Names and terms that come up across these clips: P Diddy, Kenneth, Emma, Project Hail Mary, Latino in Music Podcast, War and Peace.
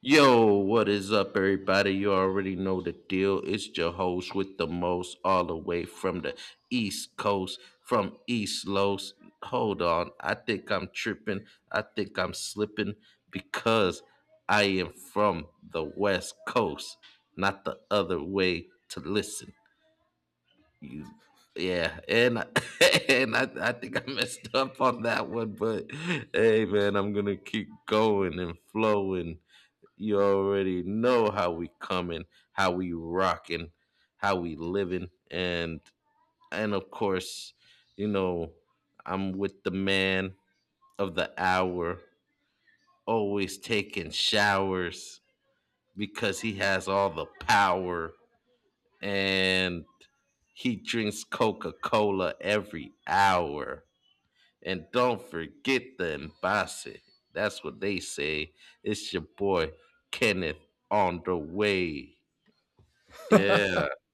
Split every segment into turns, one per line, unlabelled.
Yo, what is up, everybody? You already know the deal. It's your host with the most, all the way from the East Coast, from East Los. Hold on, I think I'm tripping. I think I'm slipping because I am from the West Coast, not the other way to listen. You, yeah, and I, and I think I messed up on that one, but hey, man, I'm gonna keep going and flowing you already know how we coming, how we rocking, how we living, and of course, you know, I'm with the man of the hour, always taking showers because he has all the power and he drinks Coca-Cola every hour. And don't forget the embassy. That's what they say. It's your boy Kenneth on the way. Yeah.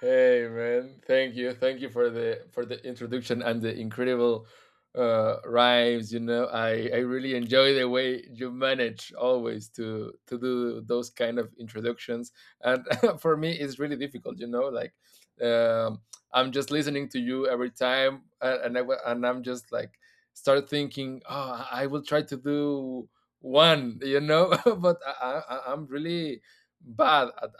Hey man, thank you, thank you for the introduction and the incredible rhymes. You know, I really enjoy the way you manage always to do those kind of introductions, and for me it's really difficult. Um, I'm just listening to you every time, and I'm just like start thinking, oh, I will try to do one. You know, but I'm really bad at,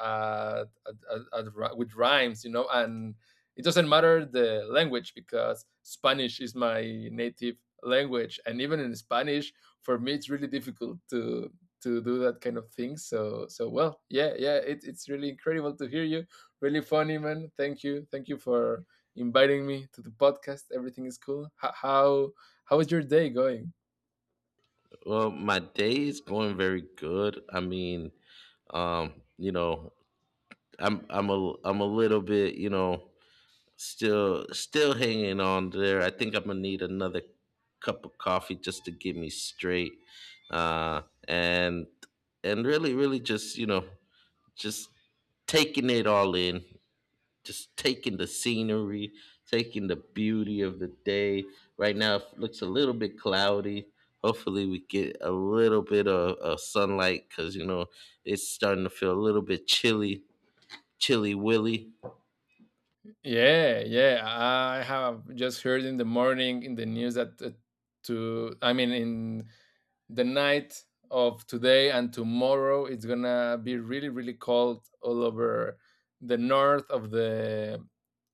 at, at, with rhymes, you know, and it doesn't matter the language because Spanish is my native language, and even in Spanish, for me, it's really difficult to do that kind of thing. So, yeah, yeah, it's really incredible to hear you. Really funny, man. Thank you for inviting me to the podcast. Everything is cool. How is your day going?
Well, my day is going very good. I mean, um, you know, I'm a little bit, still hanging on there. I think I'm gonna need another cup of coffee just to get me straight. Uh and and really, really just taking it all in. Just taking the scenery, taking the beauty of the day. Right now, it looks a little bit cloudy. Hopefully, we get a little bit of sunlight because you know it's starting to feel a little bit chilly, chilly willy.
Yeah, yeah. I have just heard in the morning in the news that to I mean in the night of today and tomorrow it's gonna be really cold all over the north of the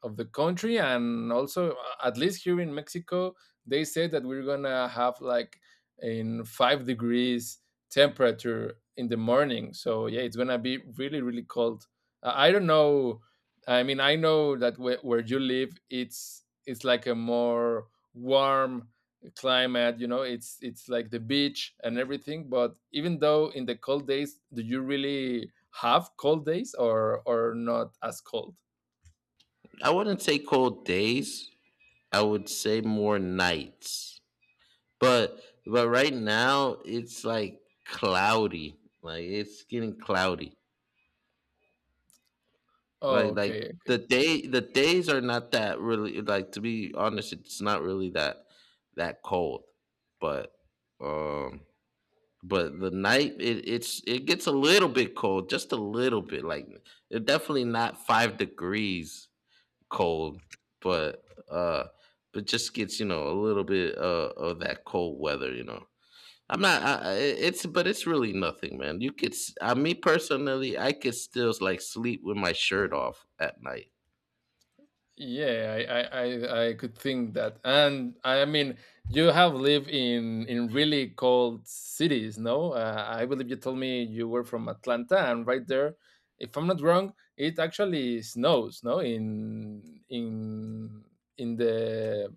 of the country and also at least here in Mexico they say that we're gonna have like in 5 degrees temperature in the morning. So yeah, it's gonna be really really cold. I don't know, I mean I know that where you live it's like a more warm climate, you know, it's like the beach and everything, but even though in the cold days, do you really have cold days or not as cold?
I wouldn't say cold days. I would say more nights. But but right now, it's like cloudy. Like it's getting cloudy.
Oh,
Like
okay.
the day the days are not that really like to be honest, it's not really that that cold. But um but the night it, it's it gets a little bit cold, just a little bit. Like it definitely not 5 degrees cold, but uh but just gets, you know, a little bit of that cold weather, you know. I'm not. I- it's but it's really nothing, man. You could. S- I me personally, I could still like sleep with my shirt off at night.
Yeah, I could think that. And I mean, you have lived in really cold cities, no? I believe you told me you were from Atlanta, and right there, if I'm not wrong, it actually snows, no, in in the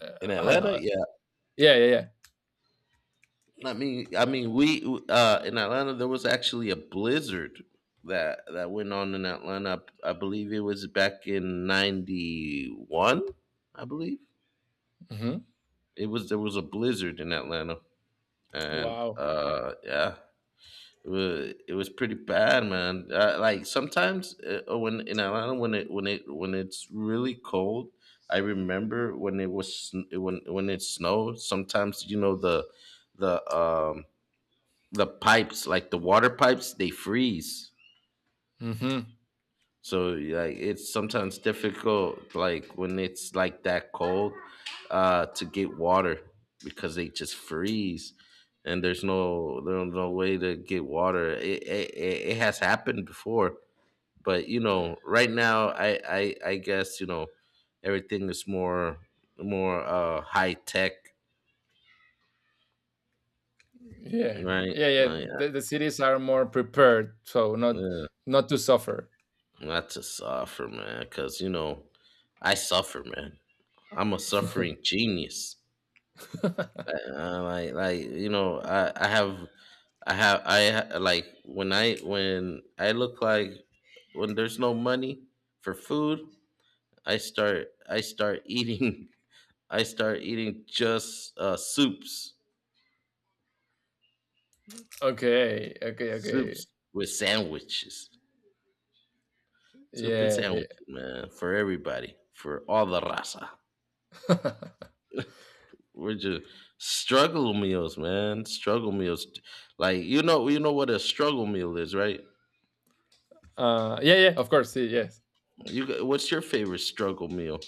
uh,
In Atlanta,
I-
yeah.
yeah, yeah, yeah.
I mean, we in Atlanta there was actually a blizzard that that went on in Atlanta. I believe it was back in '91. I believe
Mhm.
it was there was a blizzard in Atlanta, and
Wow.
yeah, it was pretty bad, man. Like sometimes when in Atlanta when it when it when it's really cold, I remember when it was sn- when it snowed. Sometimes you know the um the pipes, like the water pipes, they freeze.
Mhm.
So like it's sometimes difficult, like when it's like that cold, to get water because they just freeze, and there's no way to get water. It has happened before, but you know, right now I guess you know everything is more more high tech,
Yeah.
right?
Yeah, yeah.
Like,
The cities are more prepared, so not
yeah.
not to suffer.
Not to suffer, man, because you know, I suffer, man. I'm a suffering genius. Like you know, I have, I have, I ha- like when I look like when there's no money for food, I start eating I start eating just soups,
Okay. Okay. Okay.
soups with sandwiches, soup and
Yeah. Yeah.
sandwiches, man, for everybody, for all the raza. We're just struggle meals, man. Struggle meals, like you know what a struggle meal is, right?
Yeah. Yeah. Of course. Yeah, yes.
You, got- what's your favorite struggle meal?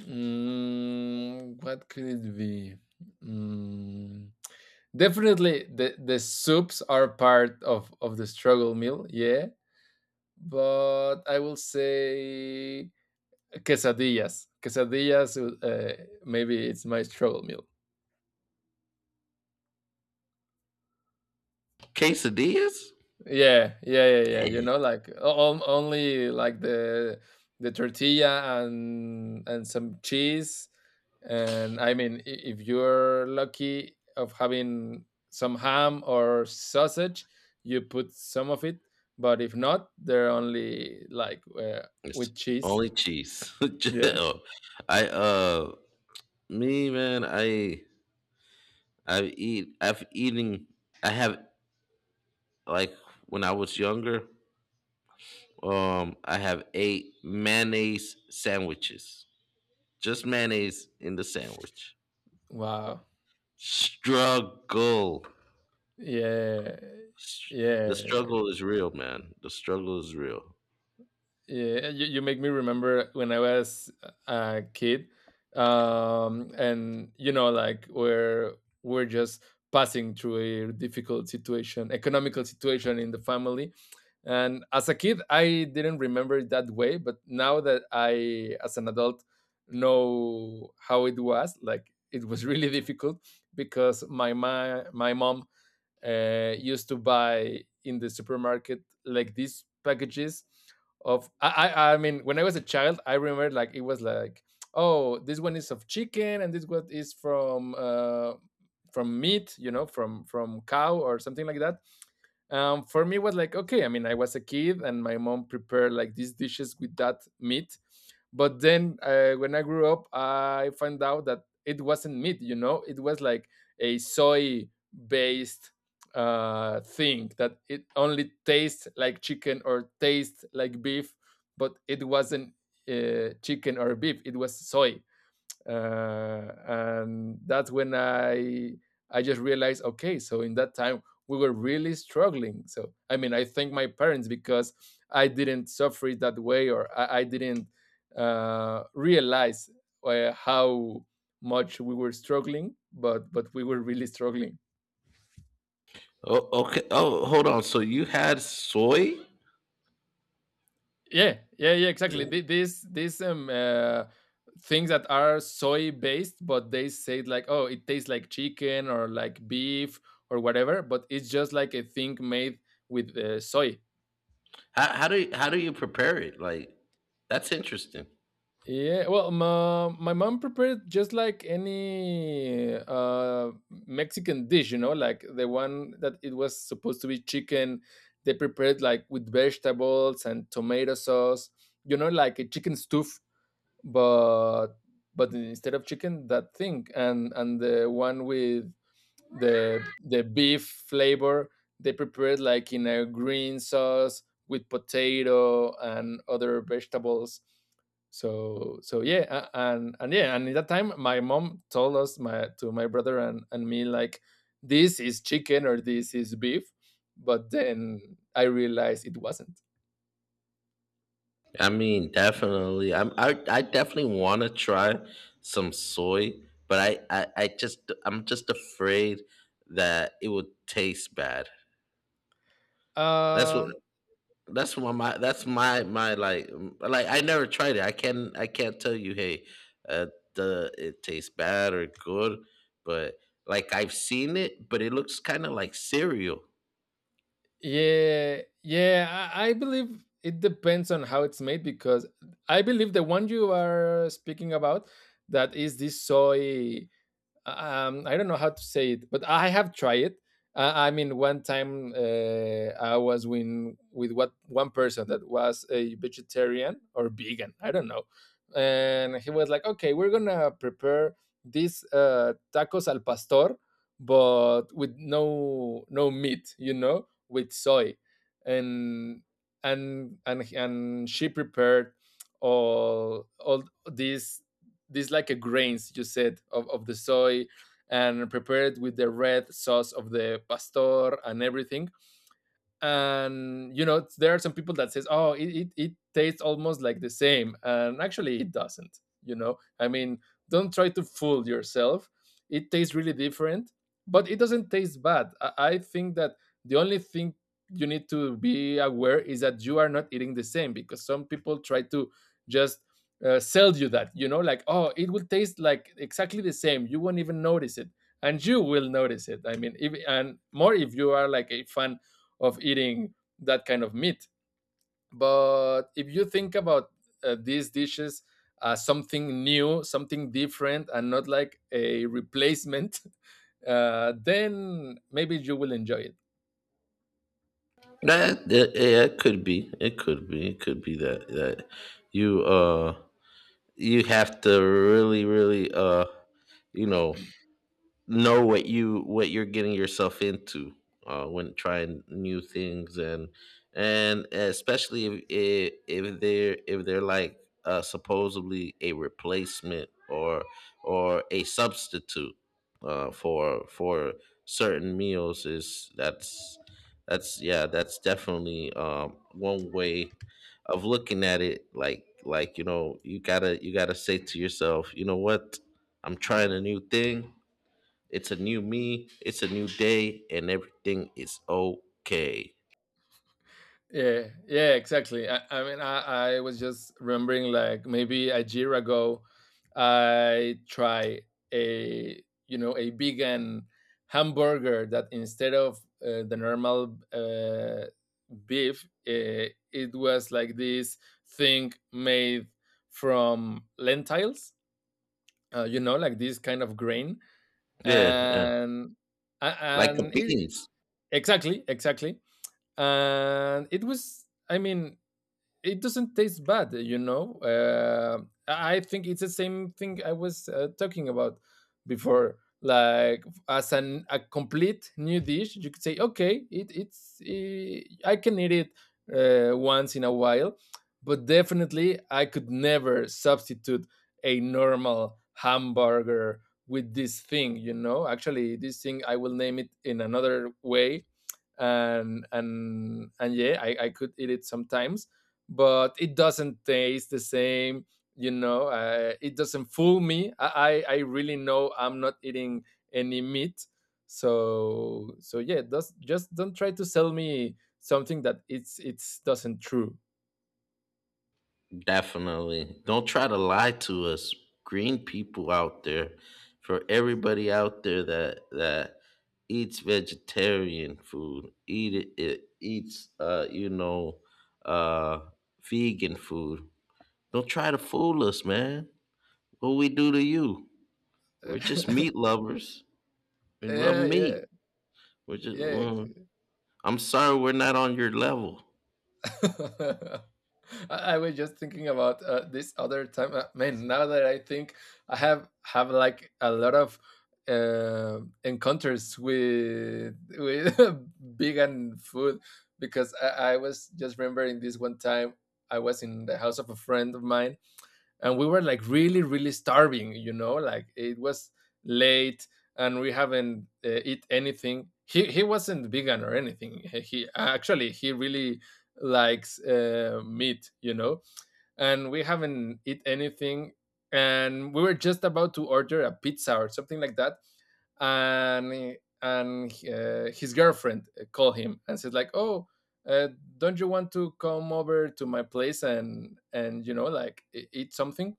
Mm, what could it be? Mm, definitely, the soups are part of the struggle meal. Yeah. But I will say quesadillas. Quesadillas, maybe it's my struggle meal.
Quesadillas?
Yeah, yeah, yeah, yeah. You
Damn.
know, like only like the tortilla and some cheese. And I mean, I- if you're lucky of having some ham or sausage, you put some of it. But if not, they're only like
It's
with cheese.
only cheese.
Yeah.
Oh, I me man, I eat. I've eating. I have like when I was younger. I have ate mayonnaise sandwiches. Just mayonnaise in the sandwich.
Wow.
Struggle.
Yeah.
The
Yeah.
struggle is real, man. The struggle is real.
Yeah, you make me remember when I was a kid, and you know, like we're just passing through a difficult situation, economical situation in the family. And as a kid, I didn't remember it that way, but now that I, as an adult, know how it was, like it was really difficult because my mom used to buy in the supermarket like these packages of I mean when I was a child I remember like it was like, oh, this one is of chicken and this one is from meat, you know, from cow or something like that. For me it was like okay, I mean I was a kid and my mom prepared like these dishes with that meat, but then when I grew up, I found out that it wasn't meat, you know, it was like a soy based thing that it only tastes like chicken or tastes like beef, but it wasn't chicken or beef, it was soy. And that's when I just realized, okay, so in that time we were really struggling. So I mean, I thank my parents because I didn't suffer it that way, or I didn't realize how much we were struggling, but we were really struggling.
Oh, okay. Oh, hold on. So you had soy?
Yeah, yeah, yeah, exactly. These things that are soy based, but they say it like, oh, it tastes like chicken or like beef or whatever, but it's just like a thing made with soy.
How do you prepare it? Like that's interesting.
Yeah, well, my mom prepared just like any Mexican dish, you know, like the one that it was supposed to be chicken. They prepared like with vegetables and tomato sauce, you know, like a chicken stew, but but instead of chicken that thing, and the one with the beef flavor they prepared like in a green sauce with potato and other vegetables. So so yeah, and yeah, and at that time my mom told us, my to my brother and me, like, this is chicken or this is beef, but then I realized it wasn't.
I mean, definitely. I'm I definitely want to try some soy, but I just I'm just afraid that it would taste bad. That's what
um
that's my, my that's my my like m- like I never tried it. I can I can't tell you hey, uh, the it tastes bad or good, but like I've seen it, but it looks kind of like cereal.
Yeah, yeah. I believe it depends on how it's made because I believe the one you are speaking about that is this soy, I don't know how to say it, but I have tried it. I mean, one time I was with what one person that was a vegetarian or vegan, I don't know, and he was like, "Okay, we're gonna prepare these tacos al pastor, but with no no meat, you know, with soy," and and she prepared all these these like a grains, you said, of the soy, and prepare it with the red sauce of the pastor and everything. And you know, there are some people that says, oh, it tastes almost like the same, and actually it doesn't. You know, I mean, don't try to fool yourself, it tastes really different, but it doesn't taste bad. I think that the only thing you need to be aware is that you are not eating the same, because some people try to just sell you that, you know, like, oh, it will taste like exactly the same, you won't even notice it. And you will notice it, I mean, if, and more if you are like a fan of eating that kind of meat. But if you think about these dishes as something new, something different, and not like a replacement, then maybe you will enjoy it.
That that- yeah, it could be. It could be. It could be that that you you have to really really you know what you what you're getting yourself into when trying new things and especially if they're like supposedly a replacement or a substitute for certain meals is that's yeah that's definitely one way of looking at it like you know you gotta say to yourself you know what I'm trying a new thing it's a new me. It's a new day, and everything is okay.
Yeah, yeah, exactly. I mean, I was just remembering like maybe a year ago, I tried a, you know, a vegan hamburger that instead of the normal beef, it was like this thing made from lentils, you know, like this kind of grain.
Yeah, yeah.
And
Like the
and it,
beans,
exactly, exactly. And it was, I mean, it doesn't taste bad, you know. I think it's the same thing I was talking about before. Like as an a complete new dish, you could say, okay, I can eat it once in a while, but definitely I could never substitute a normal hamburger with this thing. You know, actually, this thing I will name it in another way. And and yeah, I could eat it sometimes, but it doesn't taste the same. You know, it doesn't fool me. I really know I'm not eating any meat. So so yeah, does, just don't try to sell me something that it's doesn't true.
definitely. Don't try to lie to us, green people out there. For everybody out there that that eats vegetarian food, eat it, it eats you know, uh, vegan food. Don't try to fool us, man. What we do to you? We're just meat lovers. We love
Yeah,
meat.
yeah,
We're just.
yeah.
Well, I'm sorry we're not on your level.
I was just thinking about this other time. Man, now that I think, I have like a lot of encounters with vegan food, because I was just remembering this one time I was in the house of a friend of mine, and we were like really really starving, you know, like it was late and we haven't eat anything. He wasn't vegan or anything, he actually he really likes meat, you know, and we haven't eat anything, and we were just about to order a pizza or something like that. and and his girlfriend called him and said like, oh, uh, don't you want to come over to my place and you know like eat something.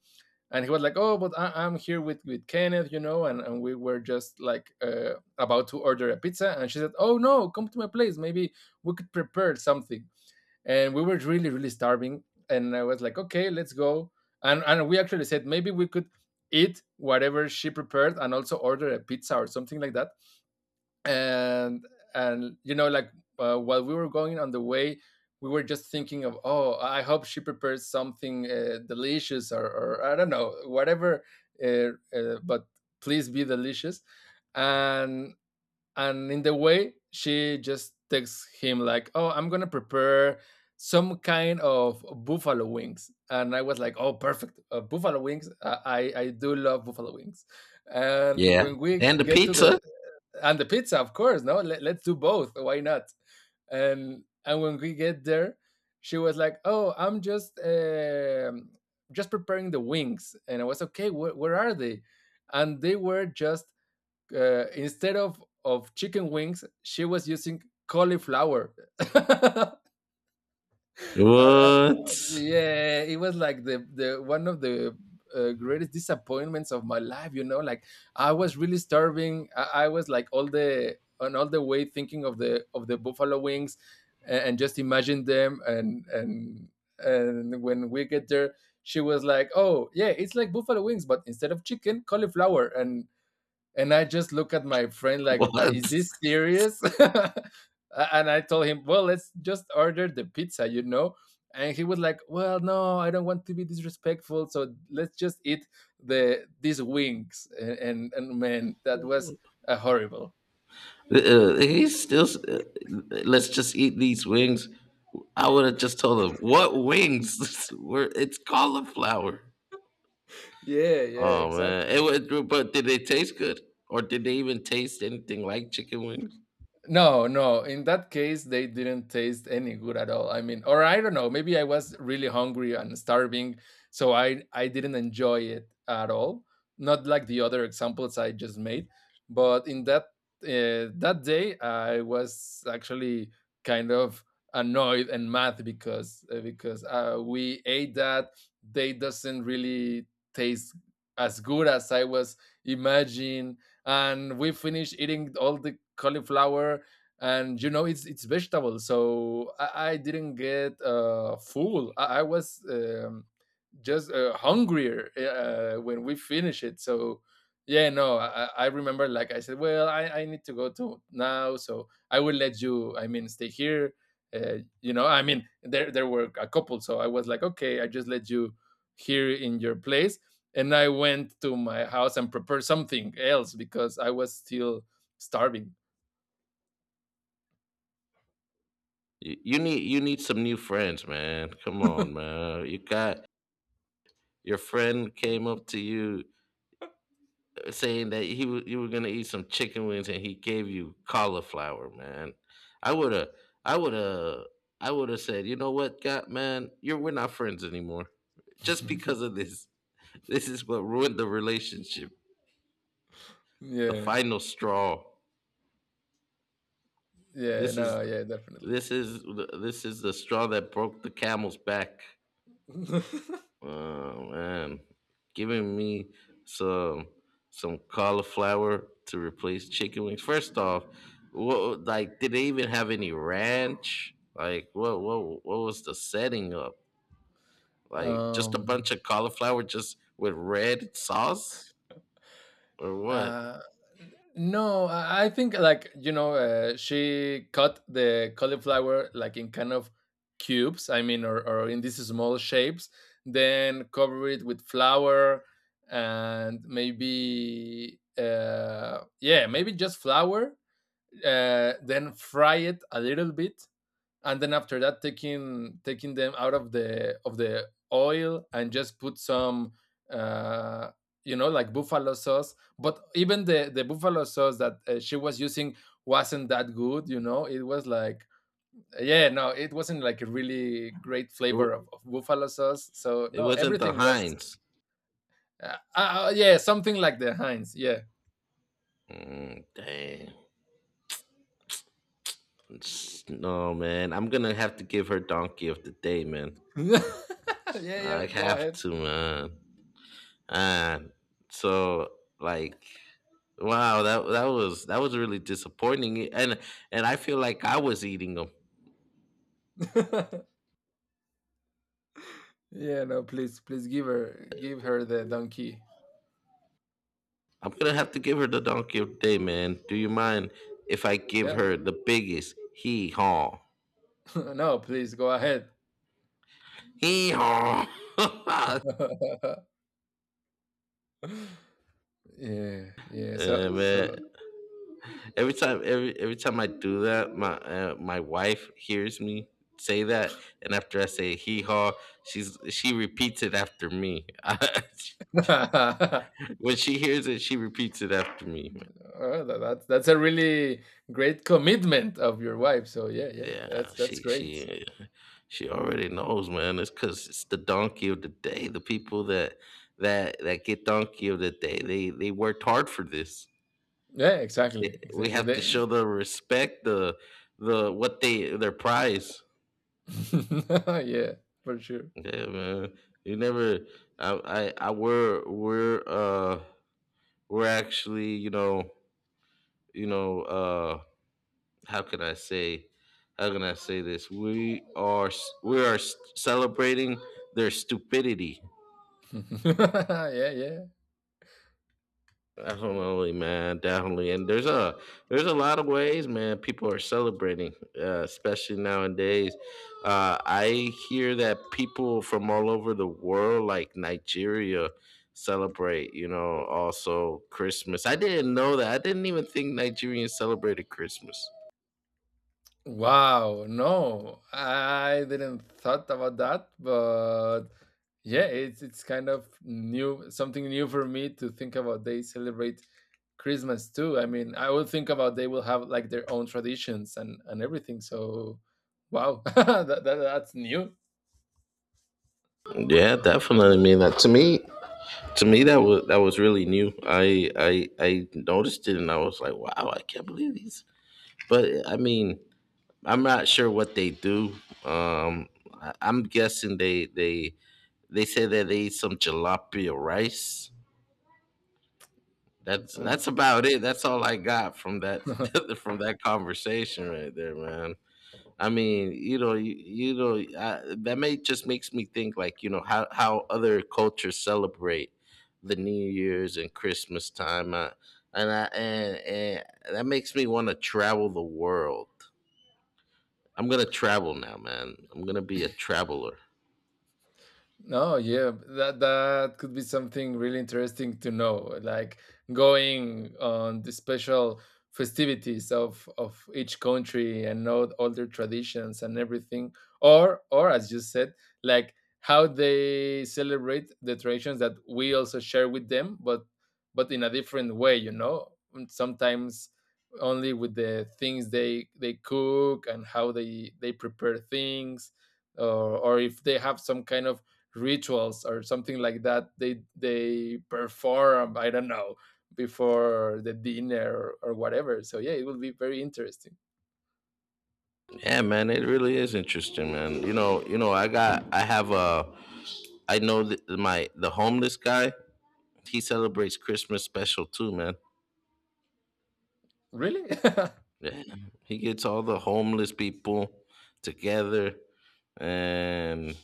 And he was like, oh, but I, I'm here with Kenneth, you know, and we were just like about to order a pizza. And she said, oh no, come to my place, maybe we could prepare something. And we were really really starving, and I was like, okay, let's go. And we actually said maybe we could eat whatever she prepared and also order a pizza or something like that. and and you know, like while we were going on the way, we were just thinking of, oh, I hope she prepares something delicious, or I don't know whatever. uh, but please be delicious. and and in the way she just texts him like, oh, I'm gonna prepare some kind of buffalo wings. And I was like, oh, perfect, buffalo wings, I do love buffalo wings and
Yeah.
when we
And the
get to
pizza.
the and the pizza, of course. No, let's do both. Why not? And when we get there, she was like, "Oh, I'm just preparing the wings," and I was okay. Where are they? And they were just instead of chicken wings, she was using cauliflower. And, uh,
What?
yeah, it was like the one of the greatest disappointments of my life. You know, like I was really starving. I was like all the on all the way thinking of the buffalo wings, and just imagine them. And when we get there, she was like, "Oh yeah, it's like buffalo wings, but instead of chicken, cauliflower." And I just look at my friend like, "Is
What?
this serious?" And I told him, "Well, let's just order the pizza, you know." And he was like, "Well, no, I don't want to be disrespectful, so let's just eat these wings." And man, that was horrible.
He's still. Let's just eat these wings. I would have just told him what wings. Were it's cauliflower.
Yeah, yeah,
Oh man,
exactly.
it would. But did they taste good, or did they even taste anything like chicken wings?
No, no. In that case, they didn't taste any good at all. I mean, or I don't know. Maybe I was really hungry and starving, so I didn't enjoy it at all. Not like the other examples I just made, but in that day, I was actually kind of annoyed and mad because we ate that. They doesn't really taste as good as I was imagining, and we finished eating all the cauliflower, and you know it's vegetable so I didn't get full. I was just hungrier when we finish it. So yeah, no, I remember, like I said, well, I need to go to now, so I will let you. I mean, stay here. You know, I mean, there were a couple, so I was like, okay, I just let you here in your place, and I went to my house and prepared something else because I was still starving.
You, you need some new friends, man. Come on, man. You got your friend came up to you saying that he wa- you were gonna eat some chicken wings and he gave you cauliflower, man. I would have, I would have, I would have said, you know what, God, man, you're we're not friends anymore, just because of this. This is what ruined the relationship. The
yeah,
final straw.
yeah,
This
no,
is
yeah, definitely.
this is the straw that broke the camel's back. Oh man, giving me some some cauliflower to replace chicken wings. First off, what like did they even have any ranch? Like what was the setting up? Like just a
um
bunch of cauliflower just with red sauce or what?
Uh, no, I think, like, you know, she cut the cauliflower like in kind of cubes. I mean, or in these small shapes. Then cover it with flour and maybe yeah, maybe just flour. Then fry it a little bit and then after that taking them out of the oil and just put some uh you know, like buffalo sauce. But even the buffalo sauce that she was using wasn't that good, you know, it was like yeah, no, it wasn't like a really great
It wa-
flavor of buffalo sauce, so
it
no,
wasn't the
everything was
Heinz.
yeah, something like the Heinz, yeah.
Mm, dang. It's- No man, I'm gonna have to give her donkey of the day, man.
Yeah, yeah,
I
go
have
ahead.
to, man. And so like wow, that that was really disappointing. And I feel like I was eating them.
Yeah, no, please give her the donkey.
I'm gonna have to give her the donkey of the day, man. Do you mind if I give
Yeah.
her the biggest hee haw?
No, please go ahead.
Hee haw.
Yeah, yeah.
Eh,
So
man, every time I do that, my my wife hears me say that, and after I say hee haw, she's she repeats it after me.
Oh,
When she hears it, she repeats it after me.
that's a really great commitment of your wife. So yeah, yeah,
Yeah,
that's great.
she already knows, man. It's because it's the donkey of the day. The people that that that get donkey of the day, they worked hard for this.
Yeah, exactly,
It- we
exactly.
have to
They-
show the respect, the what they their prize.
Yeah, for sure.
Yeah, man. You never. I we're actually you know how could I say how can I say this? We are celebrating their stupidity.
Yeah, yeah.
Definitely, man. Definitely, and there's a lot of ways, man. People are celebrating, especially nowadays. I hear that people from all over the world, like Nigeria, celebrate. You know, also Christmas. I didn't know that. I didn't even think Nigerians celebrated Christmas.
Wow, no, I didn't thought about that, but yeah, it's kind of new, something new for me to think about. They celebrate Christmas too. I mean, I would think about they will have like their own traditions and everything. So, wow, that's new.
Yeah, definitely. I mean, that to me, to me, that was really new. I noticed it, and I was like, "Wow, I can't believe these." But I mean, I'm not sure what they do. Um, I, I'm guessing they say that they eat some jalapeno rice. That's about it. That's all I got from that from that conversation right there, man. I mean, you know, you know, I, that may just makes me think like, you know, how other cultures celebrate the New Year's and Christmas time, and I and that makes me want to travel the world. I'm gonna travel now, man. I'm gonna be a traveler.
No, yeah, that that could be something really interesting to know, like going on the special festivities of each country and know all their traditions and everything, or as you said, like how they celebrate the traditions that we also share with them, but in a different way, you know. And sometimes only with the things they cook and how they prepare things, or if they have some kind of rituals or something like that they perform, I don't know, before the dinner, or whatever. So yeah, it will be very interesting.
Yeah, man, it really is interesting, man. You know, I got, I have a, I know that my the homeless guy. He celebrates Christmas special too, man.
Really?
Yeah, he gets all the homeless people together, and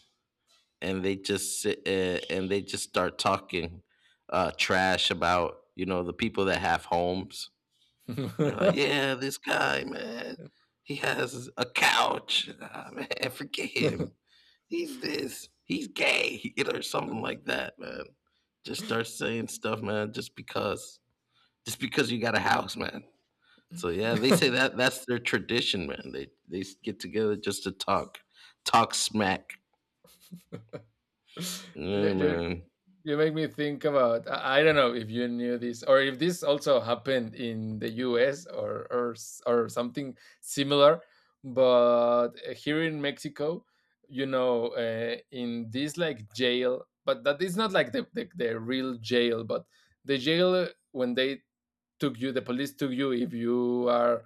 and they just sit and they just start talking trash about you know the people that have homes. They're like, yeah, this guy, man, he has a couch. Ah, man, forget him. He's this. He's gay, you know, or something like that, man. Just start saying stuff, man. Just because you got a house, man. So yeah, they say that that's their tradition, man. They get together just to talk, talk smack. Yeah,
you,
man.
you make me think about, I don't know if you knew this or if this also happened in the US, or s- or something similar, but here in Mexico, you know, in this like jail, but that is not like the real jail, but the jail, when they took you, the police took you, if you are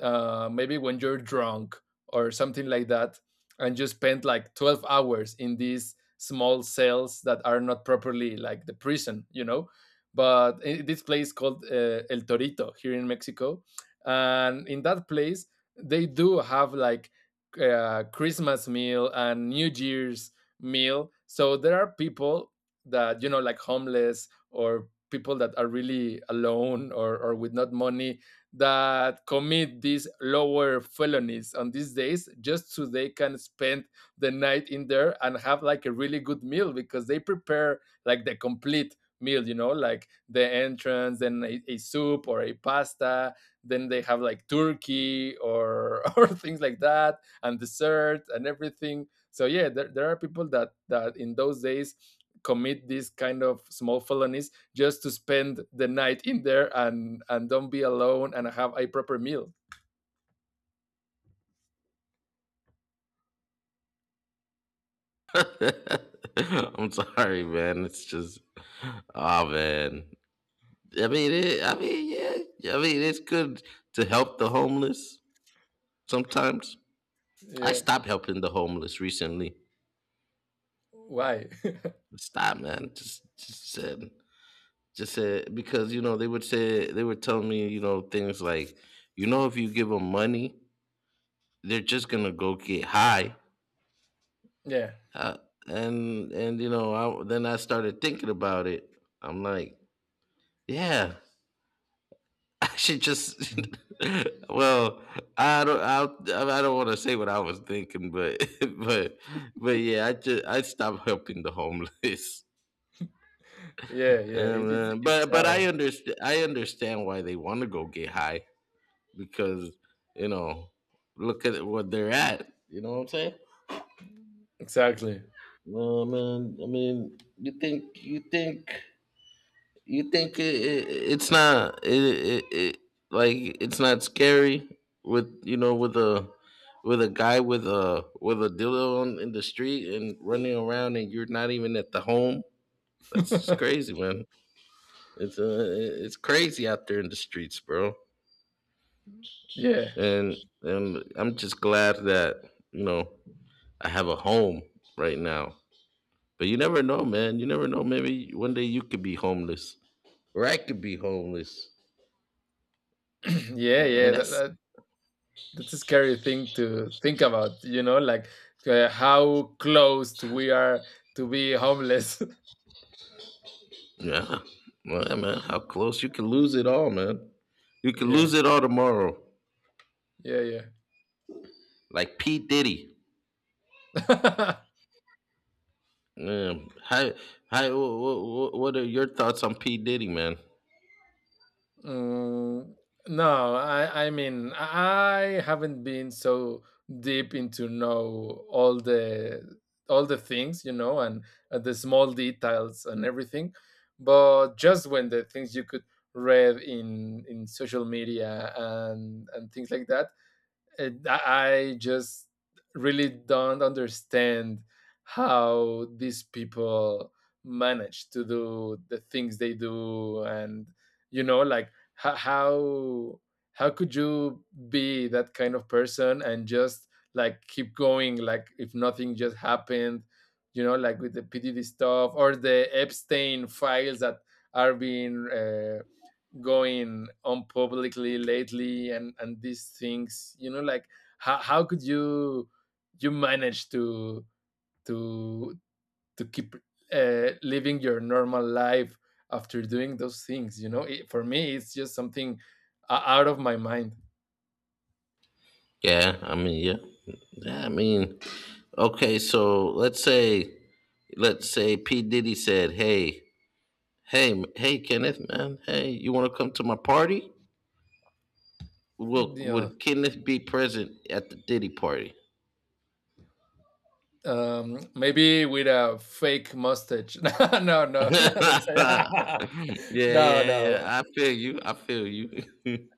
maybe when you're drunk or something like that, and you spend like 12 hours in these small cells that are not properly like the prison, you know, but I- this place called El Torito, here in Mexico. And in that place, they do have like Christmas meal and New Year's meal. So there are people that, you know, like homeless or people that are really alone, or with not money, that commit these lower felonies on these days just so they can spend the night in there and have like a really good meal, because they prepare like the complete meal, you know, like the entrance, then a soup or a pasta, then they have like turkey or or things like that, and dessert and everything. So yeah, there are people that that in those days commit these kind of small felonies just to spend the night in there and don't be alone and have a proper meal.
I'm sorry, man. It's just, oh man. I mean, it, I mean, yeah. Yeah, I mean, it's good to help the homeless sometimes. I
Yeah.
stopped helping the homeless recently.
Why?
Stop, man. Just said because you know they would say they would tell me you know things like, you know, if you give them money, they're just gonna go get high.
Yeah,
Uh, and you know, I, then I started thinking about it. I'm like, yeah, I should just. well, I don't want to say what I was thinking, but but but yeah, I just I stopped helping the homeless.
yeah, yeah, it's
But
hard.
I understand why they want to go get high because you know look at what they're at. You know what I'm saying?
Exactly.
No man, I mean, you think you think you think it, it, it's not it, it, it like it's not scary with you know with a guy with a dildo on in the street and running around and you're not even at the home. That's just
Yeah.
crazy, man. It's uh, it's crazy out there in the streets, bro. And and I'm just glad that you know I have a home right now. But you never know, man. You never know. Maybe one day you could be homeless, or I could be homeless.
Yeah,
Mm,
yeah,
and that's
that's a scary thing to think about, you know, like how close we are to be homeless.
yeah, well, yeah, man. How close you can lose it all, man. You could
Yeah,
lose it all tomorrow,
yeah,
like P Diddy.
yeah.
Hi, hi. What are your thoughts on P Diddy, man?
Mm, no, I mean, I haven't been so deep into know all the things, you know, and the small details and everything. But just when the things you could read in social media and things like that, it, I just really don't understand how these people manage to do the things they do, and you know, like how could you be that kind of person and just like keep going, like if nothing just happened, you know, like with the PDD stuff or the Epstein files that are being going on publicly lately and these things, you know, like how, could you manage to to keep living your normal life after doing those things, you know, it, for me it's just something o- out of my mind.
Yeah, I mean, yeah, yeah. I mean, okay. So let's say P Diddy said, "Hey, hey, hey, Kenneth, man. Hey, you want to come to my party?" Will
Yeah.
would Kenneth be present at the Diddy party?
Um, maybe with a fake mustache. No, no, no. That's
Yeah,
no,
yeah, yeah.
no.
I feel you. I feel you.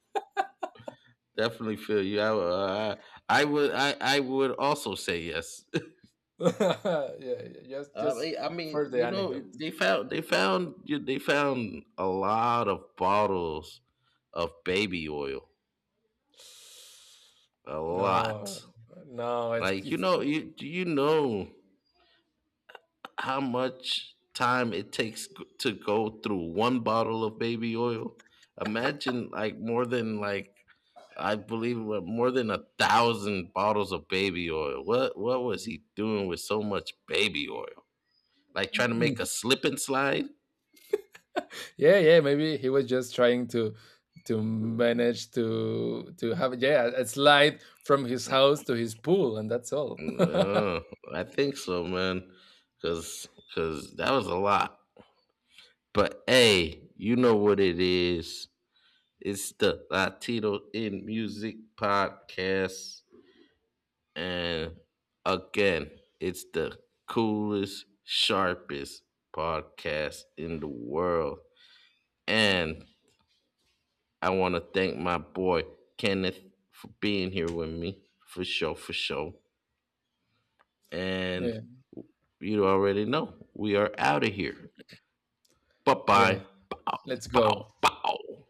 Definitely feel you. I would. I would also say yes.
Yeah, yeah, just
I
for
mean,
the
you know,
anecdote.
they found they found they found a lot of bottles of baby oil. A lot.
No, no,
Like you
it's
know, you do you know how much time it takes g- to go through one bottle of baby oil. Imagine like more than like I believe what, more than 1,000 bottles of baby oil. What was he doing with so much baby oil? Like trying to make a slip and slide?
yeah, yeah. Maybe he was just trying to manage to have, yeah, a slide from his house to his pool, and that's all.
Uh, I think so, man. Cause cause that was a lot. But hey, you know what it is. It's the Latino in Music Podcast. And again, it's the coolest, sharpest podcast in the world. And I want to thank my boy Kenneth for being here with me for sure, for sure. And
Yeah,
you already know we are out of here. Bye
yeah.
bye. Bow,
Let's go.
bow, bow.